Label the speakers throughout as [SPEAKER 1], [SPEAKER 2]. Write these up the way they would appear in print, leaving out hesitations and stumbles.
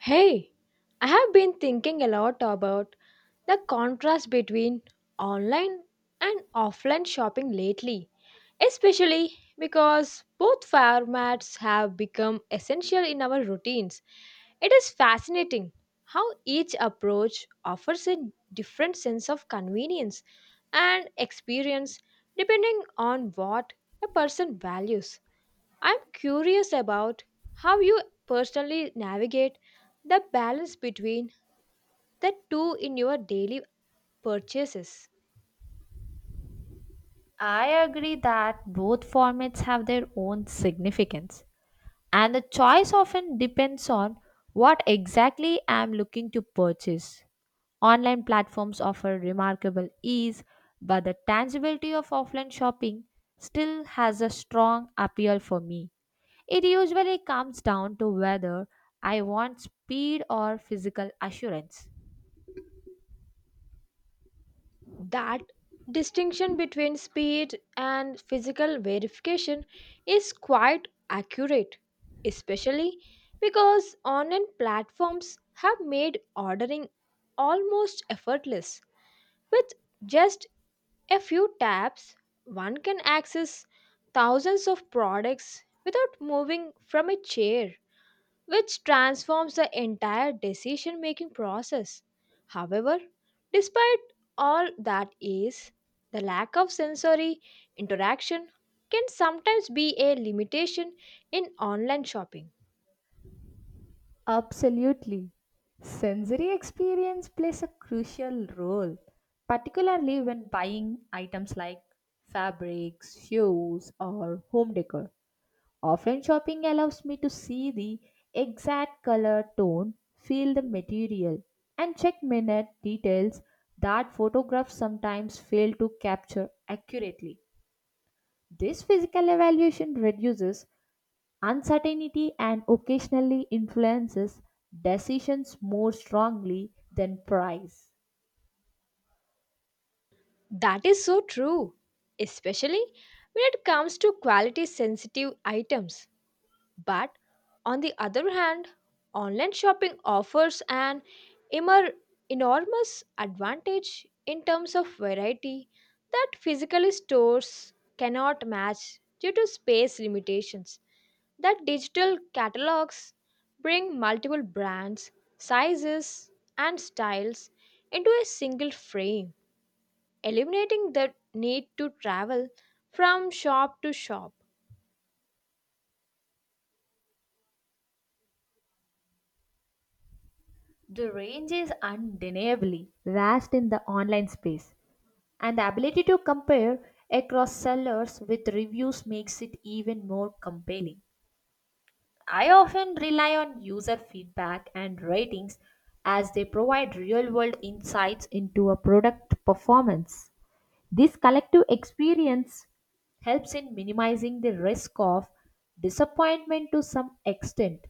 [SPEAKER 1] Hey, I have been thinking a lot about the contrast between online and offline shopping lately, especially because both formats have become essential in our routines. It is fascinating how each approach offers a different sense of convenience and experience depending on what a person values. I'm curious about how you personally navigate the balance between the two in your daily purchases.
[SPEAKER 2] I agree that both formats have their own significance, and the choice often depends on what exactly I'm looking to purchase. Online platforms offer remarkable ease, but the tangibility of offline shopping still has a strong appeal for me. It usually comes down to whether I want speed or physical assurance.
[SPEAKER 1] That distinction between speed and physical verification is quite accurate, especially because online platforms have made ordering almost effortless with just A few taps, one can access thousands of products without moving from a chair, which transforms the entire decision making process. However, despite all that ease, the lack of sensory interaction can sometimes be a limitation in online shopping.
[SPEAKER 2] Absolutely. Sensory experience plays a crucial role, particularly when buying items like fabrics, shoes, or home decor. Often, shopping allows me to see the exact color tone, feel the material, and check minute details that photographs sometimes fail to capture accurately. This physical evaluation reduces uncertainty and occasionally influences decisions more strongly than price.
[SPEAKER 1] That is so true, especially when it comes to quality sensitive items. But on the other hand, online shopping offers an immer- enormous advantage in terms of variety that physical stores cannot match due to space limitations. That digital catalogs bring multiple brands, sizes, and styles into a single frame, eliminating the need to travel from shop to shop.
[SPEAKER 2] The range is undeniably vast in the online space, and the ability to compare across sellers with reviews makes it even more compelling. I often rely on user feedback and ratings as they provide real world insights into a product performance. This collective experience helps in minimizing the risk of disappointment to some extent.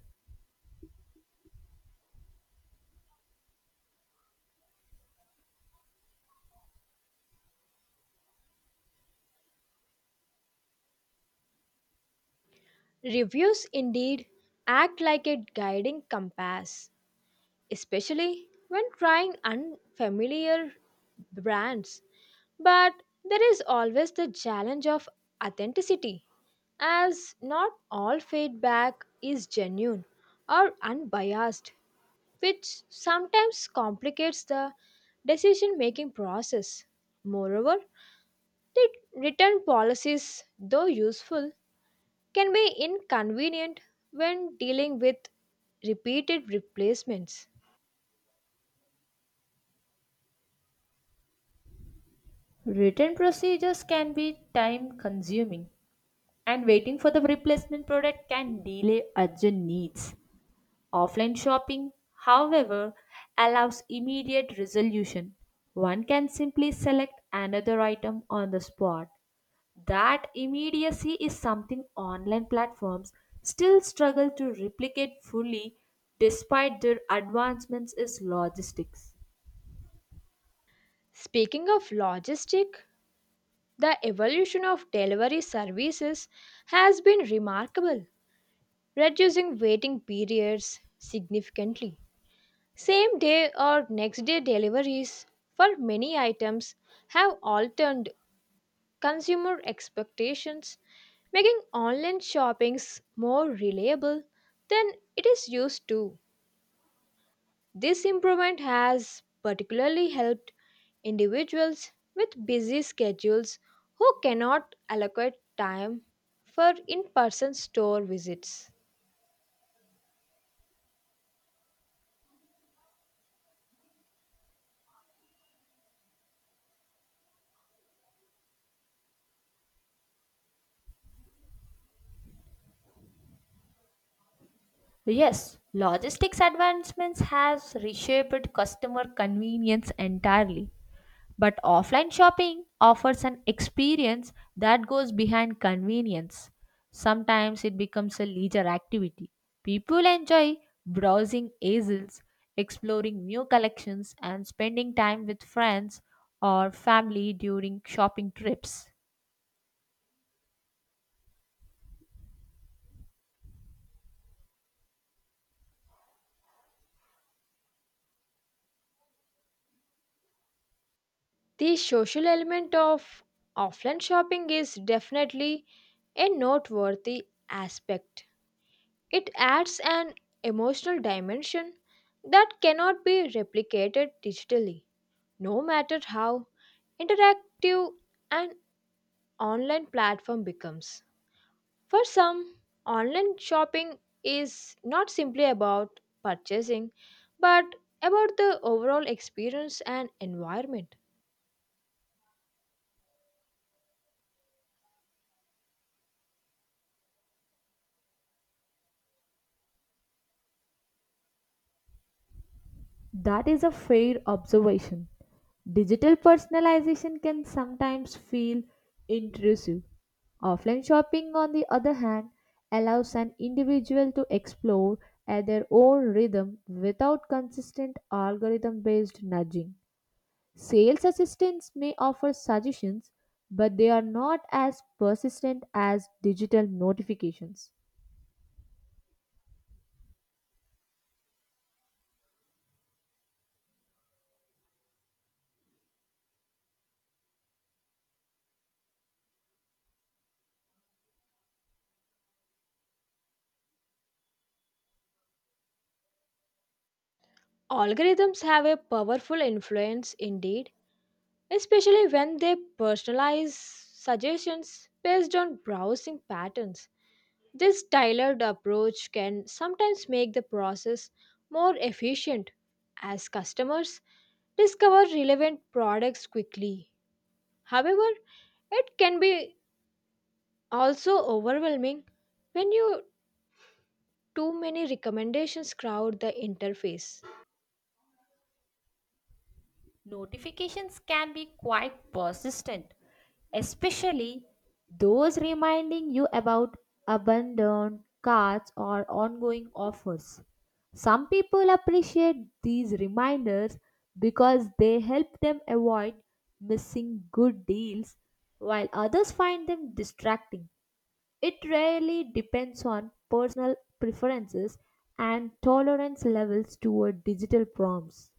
[SPEAKER 1] Reviews indeed act like a guiding compass, especially when trying unfamiliar brands. But there is always the challenge of authenticity, as not all feedback is genuine or unbiased, which sometimes complicates the decision making process. Moreover, the return policies, though useful, can be inconvenient when dealing with repeated replacements.
[SPEAKER 2] Written procedures can be time consuming, and waiting for the replacement product can delay urgent needs. Offline shopping, however, allows immediate resolution. One can simply select another item on the spot. That immediacy is something online platforms still struggle to replicate fully despite their advancements is logistics.
[SPEAKER 1] Speaking of logistic, the evolution of delivery services has been remarkable, reducing waiting periods significantly. Same day or next day deliveries for many items have altered consumer expectations, making online shoppings more reliable than it is used to. This improvement has particularly helped individuals with busy schedules who cannot allocate time for in person store visits.
[SPEAKER 2] Yes, logistics advancements has reshaped customer convenience entirely. But offline shopping offers an experience that goes behind convenience. Sometimes it becomes a leisure activity. People enjoy browsing aisles, exploring new collections, and spending time with friends or family during shopping trips.
[SPEAKER 1] The social element of offline shopping is definitely a noteworthy aspect. It adds an emotional dimension that cannot be replicated digitally, no matter how interactive an online platform becomes. For some, online shopping is not simply about purchasing, but about the overall experience and environment.
[SPEAKER 2] That is a fair observation. Digital personalization can sometimes feel intrusive. Offline shopping, on the other hand, allows an individual to explore at their own rhythm without consistent algorithm based nudging. Sales assistants may offer suggestions, but they are not as persistent as digital notifications.
[SPEAKER 1] Algorithms have a powerful influence indeed, especially when they personalize suggestions based on browsing patterns. This tailored approach can sometimes make the process more efficient as customers discover relevant products quickly. However, it can be also overwhelming when you too many recommendations crowd the interface
[SPEAKER 2] Notifications can be quite persistent, especially those reminding you about abandoned carts or ongoing offers. Some people appreciate these reminders because they help them avoid missing good deals, while others find them distracting. It really depends on personal preferences and tolerance levels toward digital prompts.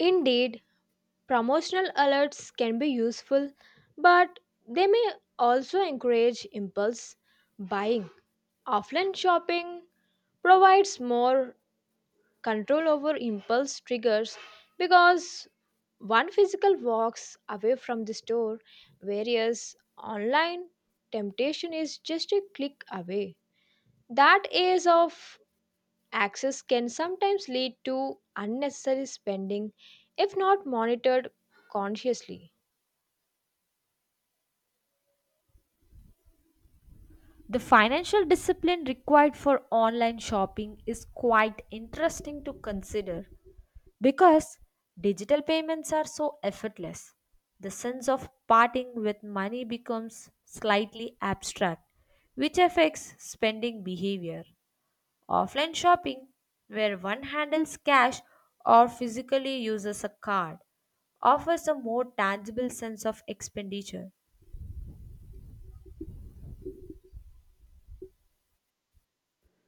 [SPEAKER 1] indeed promotional alerts can be useful but they may also encourage impulse buying offline shopping provides more control over impulse triggers because one physical walks away from the store whereas online temptation is just a click away that is of Access can sometimes lead to unnecessary spending if not monitored consciously.
[SPEAKER 2] The financial discipline required for online shopping is quite interesting to consider because digital payments are so effortless. The sense of parting with money becomes slightly abstract, which affects spending behavior. Offline shopping, where one handles cash or physically uses a card, offers a more tangible sense of expenditure.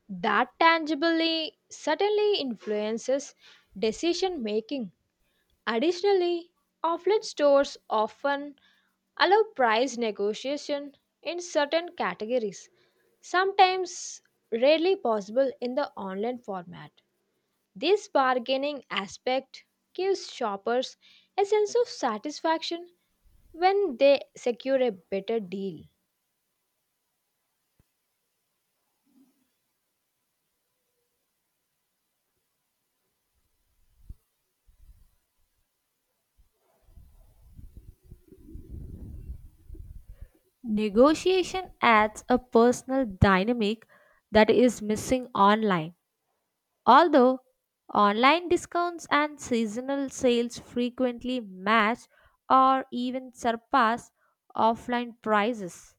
[SPEAKER 1] That tangibly certainly influences decision making. Additionally, offline stores often allow price negotiation in certain categories, sometimes rarely possible in the online format. This bargaining aspect gives shoppers a sense of satisfaction when they secure a better deal.
[SPEAKER 2] Negotiation adds a personal dynamic that is missing online. Although online discounts and seasonal sales frequently match or even surpass offline prices,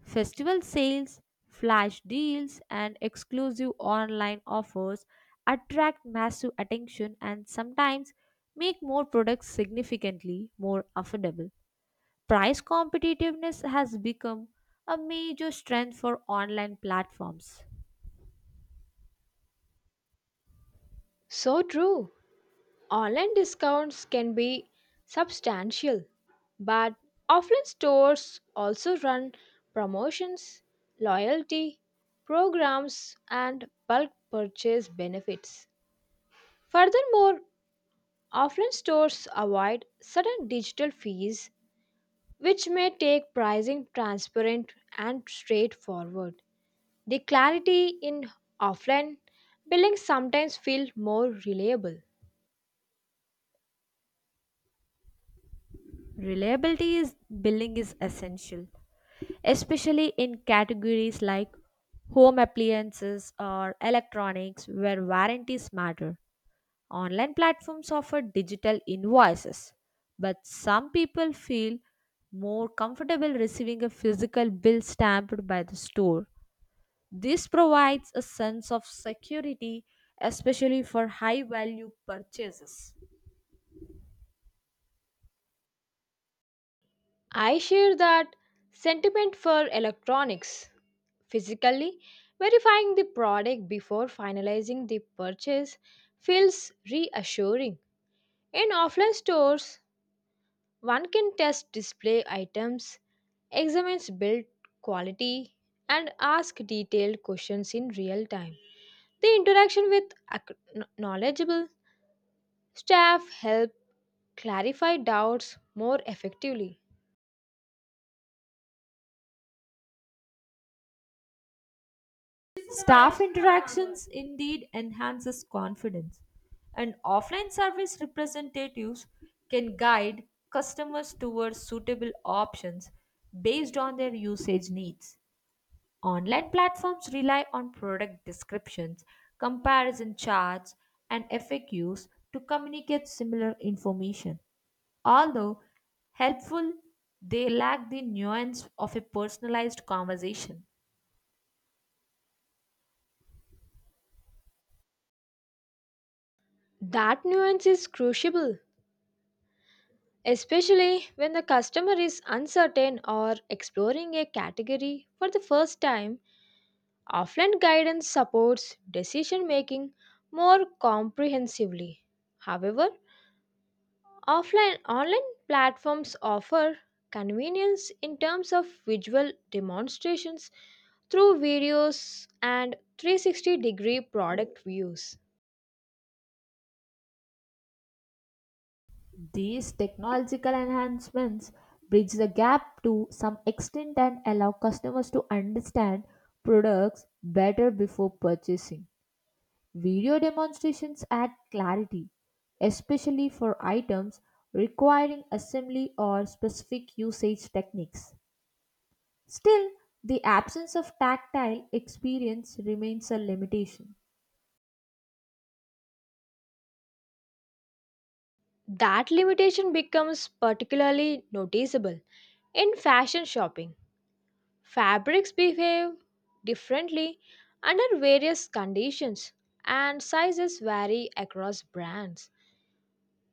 [SPEAKER 2] festival sales, flash deals, and exclusive online offers attract massive attention and sometimes make more products significantly more affordable. Price competitiveness has become a major strength for online platforms.
[SPEAKER 1] So true. Online discounts can be substantial, but offline stores also run promotions, loyalty programs, and bulk purchase benefits. Furthermore, offline stores avoid certain digital fees which may take pricing transparent and straightforward. The clarity in offline buildings sometimes feel more reliable.
[SPEAKER 2] Reliability is billing is essential, especially in categories like home appliances or electronics where warranties matter. Online platforms offer digital invoices, but some people feel more comfortable receiving a physical bill stamped by the store. This provides a sense of security, especially for high value purchases.
[SPEAKER 1] I share that sentiment for electronics. Physically verifying the product before finalizing the purchase feels reassuring. In offline stores, one can test display items, examine build quality, and ask detailed questions in real time. The interaction with knowledgeable staff helps clarify doubts more effectively.
[SPEAKER 2] Staff interactions indeed enhances confidence, and offline service representatives can guide customers towards suitable options based on their usage needs. Online platforms rely on product descriptions, comparison charts, and FAQs to communicate similar information. Although helpful, they lack the nuance of a personalized conversation.
[SPEAKER 1] That nuance is crucial, especially when the customer is uncertain or exploring a category for the first time. Offline guidance supports decision making more comprehensively. However, offline online platforms offer convenience in terms of visual demonstrations through videos and 360-degree product views.
[SPEAKER 2] These technological enhancements bridge the gap to some extent and allow customers to understand products better before purchasing. Video demonstrations add clarity, especially for items requiring assembly or specific usage techniques. Still, the absence of tactile experience remains a limitation.
[SPEAKER 1] That limitation becomes particularly noticeable in fashion shopping. Fabrics behave differently under various conditions, and sizes vary across brands.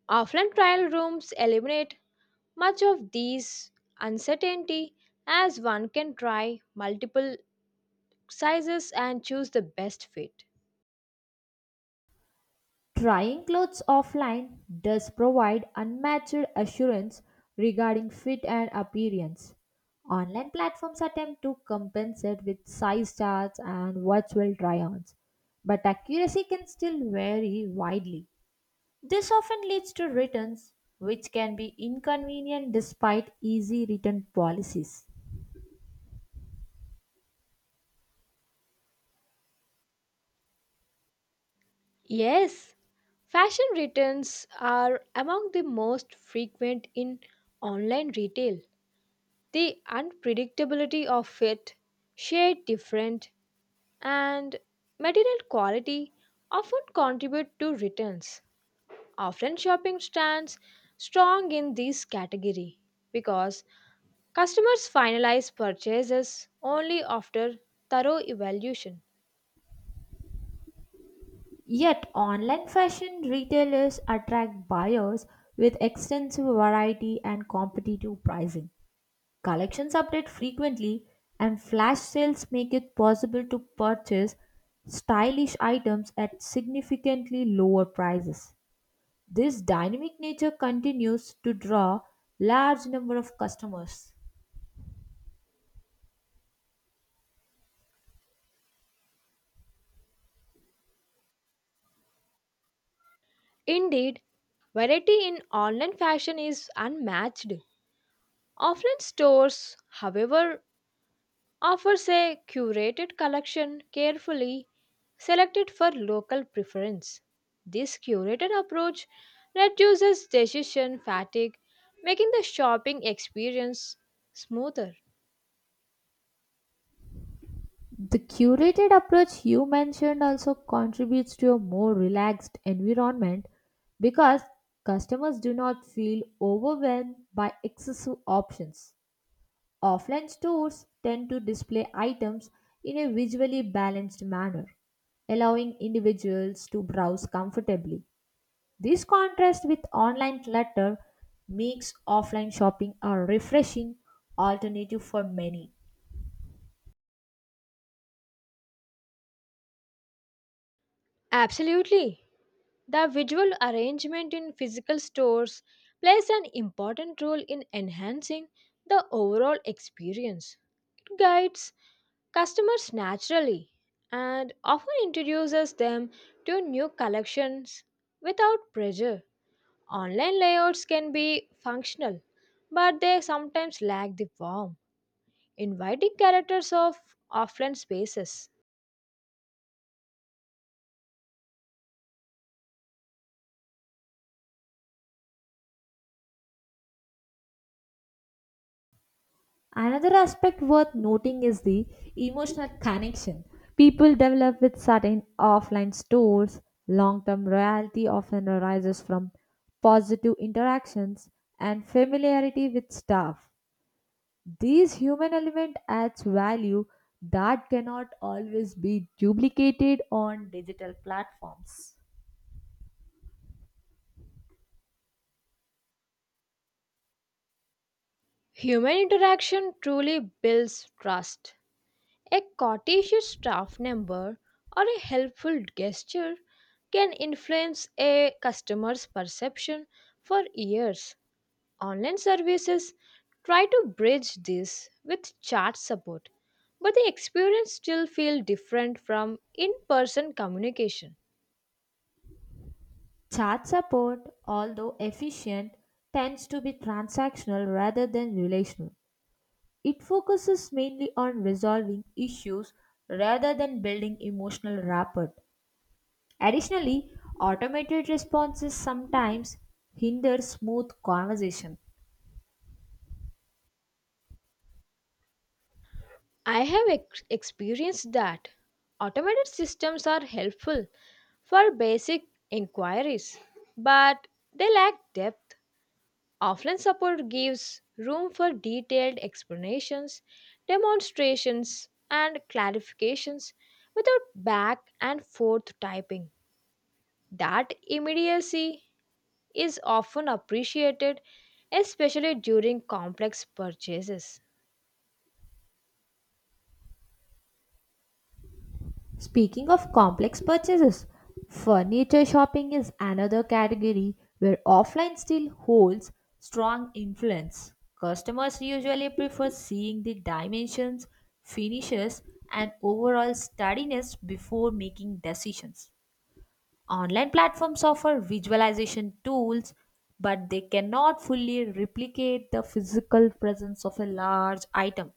[SPEAKER 1] Often, trial rooms eliminate much of these uncertainty as one can try multiple sizes and choose the best fit.
[SPEAKER 2] Trying clothes offline does provide unmatched assurance regarding fit and appearance. Online platforms attempt to compensate with size charts and virtual try ons, but accuracy can still vary widely. This often leads to returns, which can be inconvenient despite easy return policies.
[SPEAKER 1] Yes, fashion returns are among the most frequent in online retail. The unpredictability of it, shade different, and material quality often contribute to returns. Often shopping stands strong in this category because customers finalize purchases only after thorough evaluation.
[SPEAKER 2] Yet, online fashion retailers attract buyers with extensive variety and competitive pricing. Collections update frequently, and flash sales make it possible to purchase stylish items at significantly lower prices. This dynamic nature continues to draw large number of customers.
[SPEAKER 1] Indeed, variety in online fashion is unmatched. Offline stores, however, offers a curated collection carefully selected for local preference. This curated approach reduces decision fatigue, making the shopping experience smoother.
[SPEAKER 2] The curated approach you mentioned also contributes to a more relaxed environment because customers do not feel overwhelmed by excessive options. Offline stores tend to display items in a visually balanced manner, allowing individuals to browse comfortably. This contrast with online clutter makes offline shopping a refreshing alternative for many.
[SPEAKER 1] Absolutely. The visual arrangement in physical stores plays an important role in enhancing the overall experience. It guides customers naturally and often introduces them to new collections without pressure. Online layouts can be functional, but they sometimes lack the warmth, inviting characters of offline spaces.
[SPEAKER 2] Another aspect worth noting is the emotional connection people develop with certain offline stores. Long term loyalty often arises from positive interactions and familiarity with staff. This human element adds value that cannot always be duplicated on digital platforms.
[SPEAKER 1] Human interaction truly builds trust. A courteous staff member or a helpful gesture can influence a customer's perception for years. Online services try to bridge this with chat support, but the experience still feels different from in person communication.
[SPEAKER 2] Chat support, although efficient, tends to be transactional rather than relational. It focuses mainly on resolving issues rather than building emotional rapport. Additionally, automated responses sometimes hinder smooth conversation.
[SPEAKER 1] I have experienced that automated systems are helpful for basic inquiries, but they lack depth. Offline support gives room for detailed explanations, demonstrations, and clarifications without back and forth typing. That immediacy is often appreciated, especially during complex purchases.
[SPEAKER 2] Speaking of complex purchases, furniture shopping is another category where offline still holds strong influence. Customers usually prefer seeing the dimensions, finishes, and overall steadiness before making decisions. Online platforms offer visualization tools, but they cannot fully replicate the physical presence of a large item.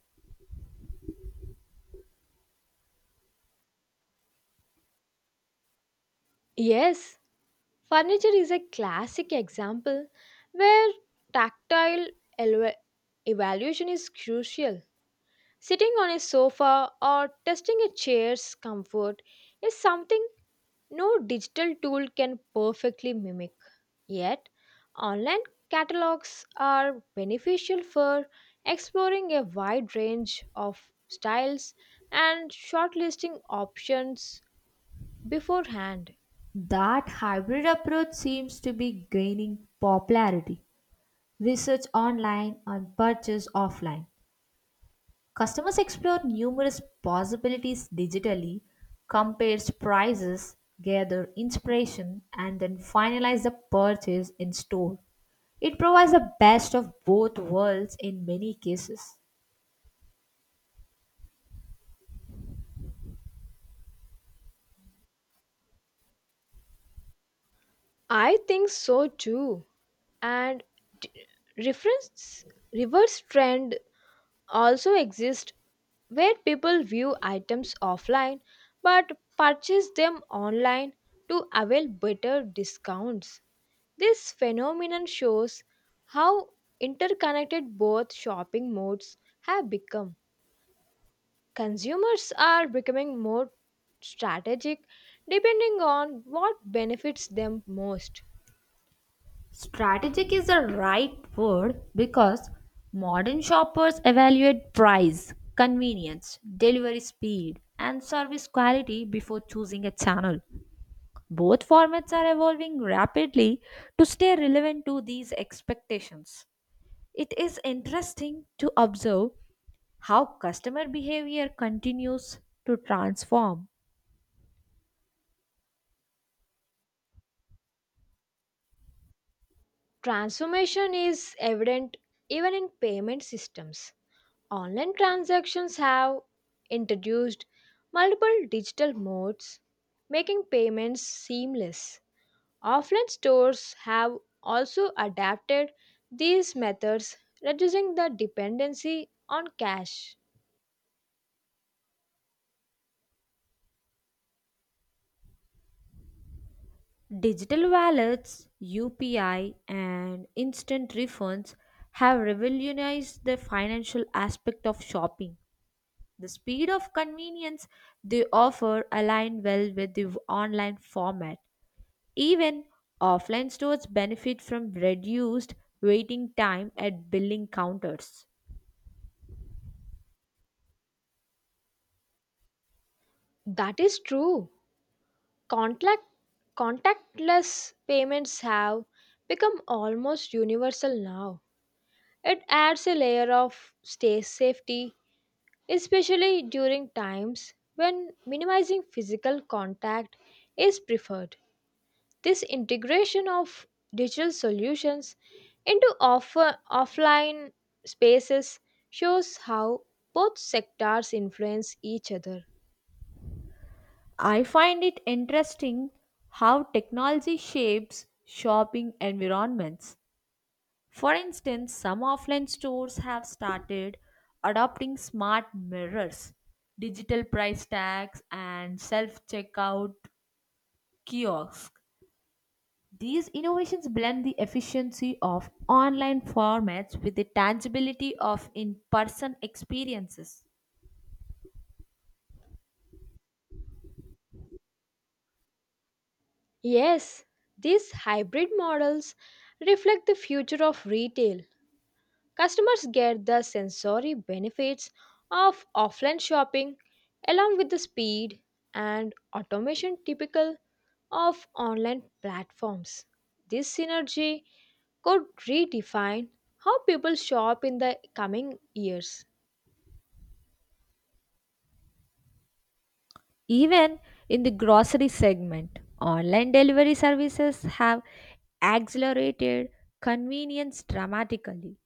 [SPEAKER 1] Yes, furniture is a classic example where tactile elva- evaluation is crucial. Sitting on a sofa or testing a chair's comfort is something no digital tool can perfectly mimic. Yet, online catalogs are beneficial for exploring a wide range of styles and shortlisting options beforehand.
[SPEAKER 2] That hybrid approach seems to be gaining popularity research online and purchase offline. Customers explore numerous possibilities digitally, compares prices, gather inspiration, and then finalize the purchase in store. It provides the best of both worlds in many cases.
[SPEAKER 1] I think so too. And d- reference reverse trend also exists where people view items offline but purchase them online to avail better discounts. This phenomenon shows how interconnected both shopping modes have become. Consumers are becoming more strategic depending on what benefits them most.
[SPEAKER 2] Strategic is the right word because modern shoppers evaluate price, convenience, delivery speed, and service quality before choosing a channel. Both formats are evolving rapidly to stay relevant to these expectations. It is interesting to observe how customer behavior continues to transform.
[SPEAKER 1] Transformation is evident even in payment systems. Online transactions have introduced multiple digital modes, making payments seamless. Offline stores have also adapted these methods, reducing the dependency on cash.
[SPEAKER 2] Digital wallets, UPI, and instant refunds have revolutionized the financial aspect of shopping. The speed of convenience they offer align well with the online format. Even offline stores benefit from reduced waiting time at billing counters.
[SPEAKER 1] That is true. Contact, Contactless payments have become almost universal now. It adds a layer of stay safety, especially during times when minimizing physical contact is preferred. This integration of digital solutions into offline spaces shows how both sectors influence each other.
[SPEAKER 2] I find it interesting how technology shapes shopping environments. For instance, some offline stores have started adopting smart mirrors, digital price tags, and self checkout kiosks. These innovations blend the efficiency of online formats with the tangibility of in person experiences.
[SPEAKER 1] Yes, these hybrid models reflect the future of retail. Customers get the sensory benefits of offline shopping along with the speed and automation typical of online platforms. This synergy could redefine how people shop in the coming years.
[SPEAKER 2] Even in the grocery segment, online delivery services have accelerated convenience dramatically.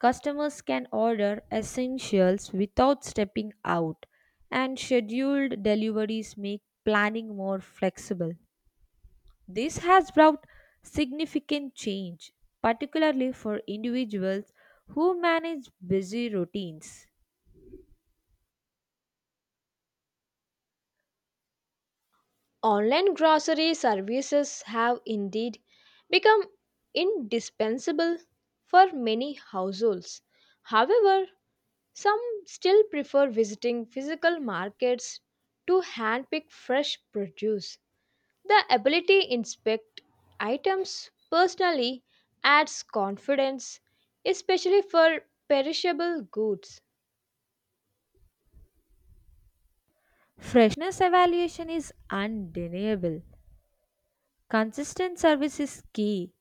[SPEAKER 2] Customers can order essentials without stepping out, and scheduled deliveries make planning more flexible. This has brought significant change, particularly for individuals who manage busy routines.
[SPEAKER 1] Online grocery services have indeed become indispensable for many households. However, some still prefer visiting physical markets to handpick fresh produce. The ability to inspect items personally adds confidence, especially for perishable goods.
[SPEAKER 2] Freshness evaluation is undeniable. Consistent service is key.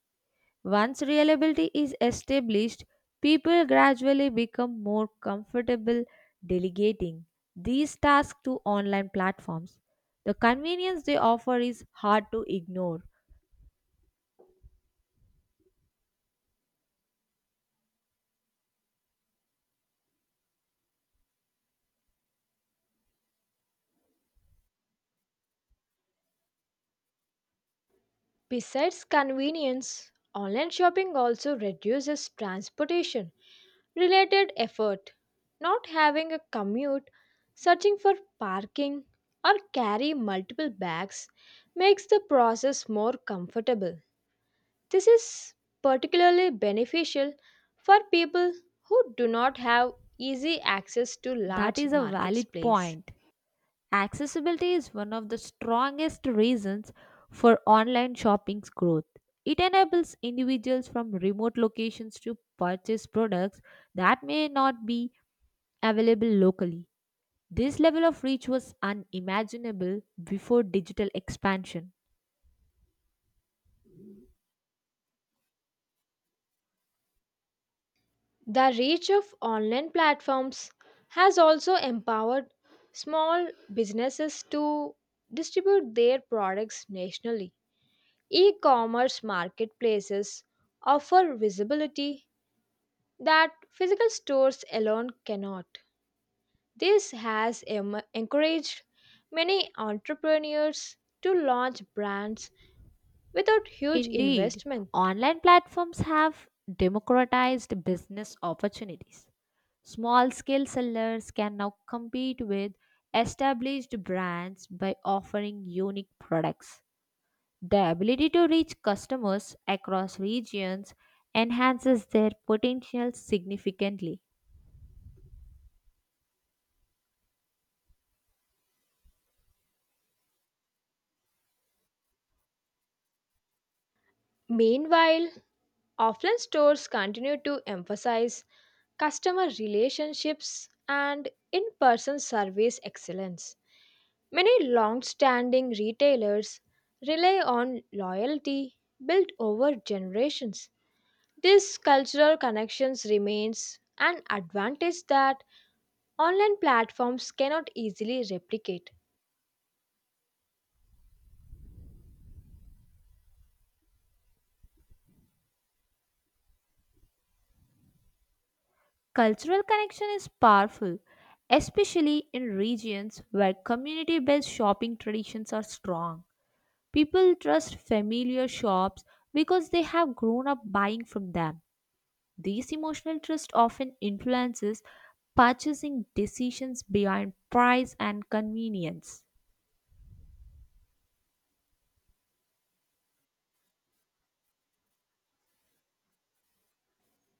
[SPEAKER 2] Once reliability is established, people gradually become more comfortable delegating these tasks to online platforms. The convenience they offer is hard to ignore.
[SPEAKER 1] Besides convenience, online shopping also reduces transportation related effort. Not having a commute, searching for parking, or carry multiple bags makes the process more comfortable. This is particularly beneficial for people who do not have easy access to
[SPEAKER 2] That
[SPEAKER 1] large
[SPEAKER 2] is a valid
[SPEAKER 1] marketplaces.
[SPEAKER 2] point. Accessibility is one of the strongest reasons for online shopping's growth. It enables individuals from remote locations to purchase products that may not be available locally. This level of reach was unimaginable before digital expansion.
[SPEAKER 1] The reach of online platforms has also empowered small businesses to distribute their products nationally. E commerce marketplaces offer visibility that physical stores alone cannot. This has encouraged many entrepreneurs to launch brands without huge
[SPEAKER 2] Indeed,
[SPEAKER 1] investment.
[SPEAKER 2] online platforms have democratized business opportunities. Small scale sellers can now compete with established brands by offering unique products. The ability to reach customers across regions enhances their potential significantly.
[SPEAKER 1] Meanwhile, offline stores continue to emphasize customer relationships and in person service excellence. Many long standing retailers rely on loyalty built over generations. This cultural connections remains an advantage that online platforms cannot easily replicate.
[SPEAKER 2] Cultural connection is powerful, especially in regions where community based shopping traditions are strong. People trust familiar shops because they have grown up buying from them. This emotional trust often influences purchasing decisions beyond price and convenience.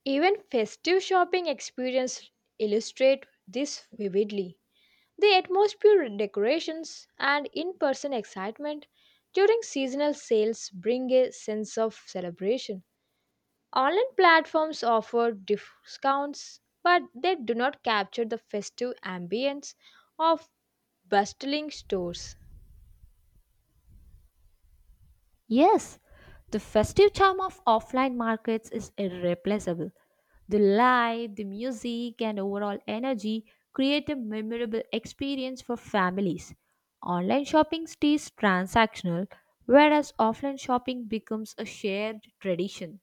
[SPEAKER 1] Even festive shopping experience illustrate this vividly. The atmosphere, decorations, and in person excitement during seasonal sales bring a sense of celebration. Online platforms offer discounts, but they do not capture the festive ambience of bustling stores.
[SPEAKER 2] Yes, the festive charm of offline markets is irreplaceable. The light, the music, and overall energy create a memorable experience for families. Online shopping stays transactional, whereas offline shopping becomes a shared tradition.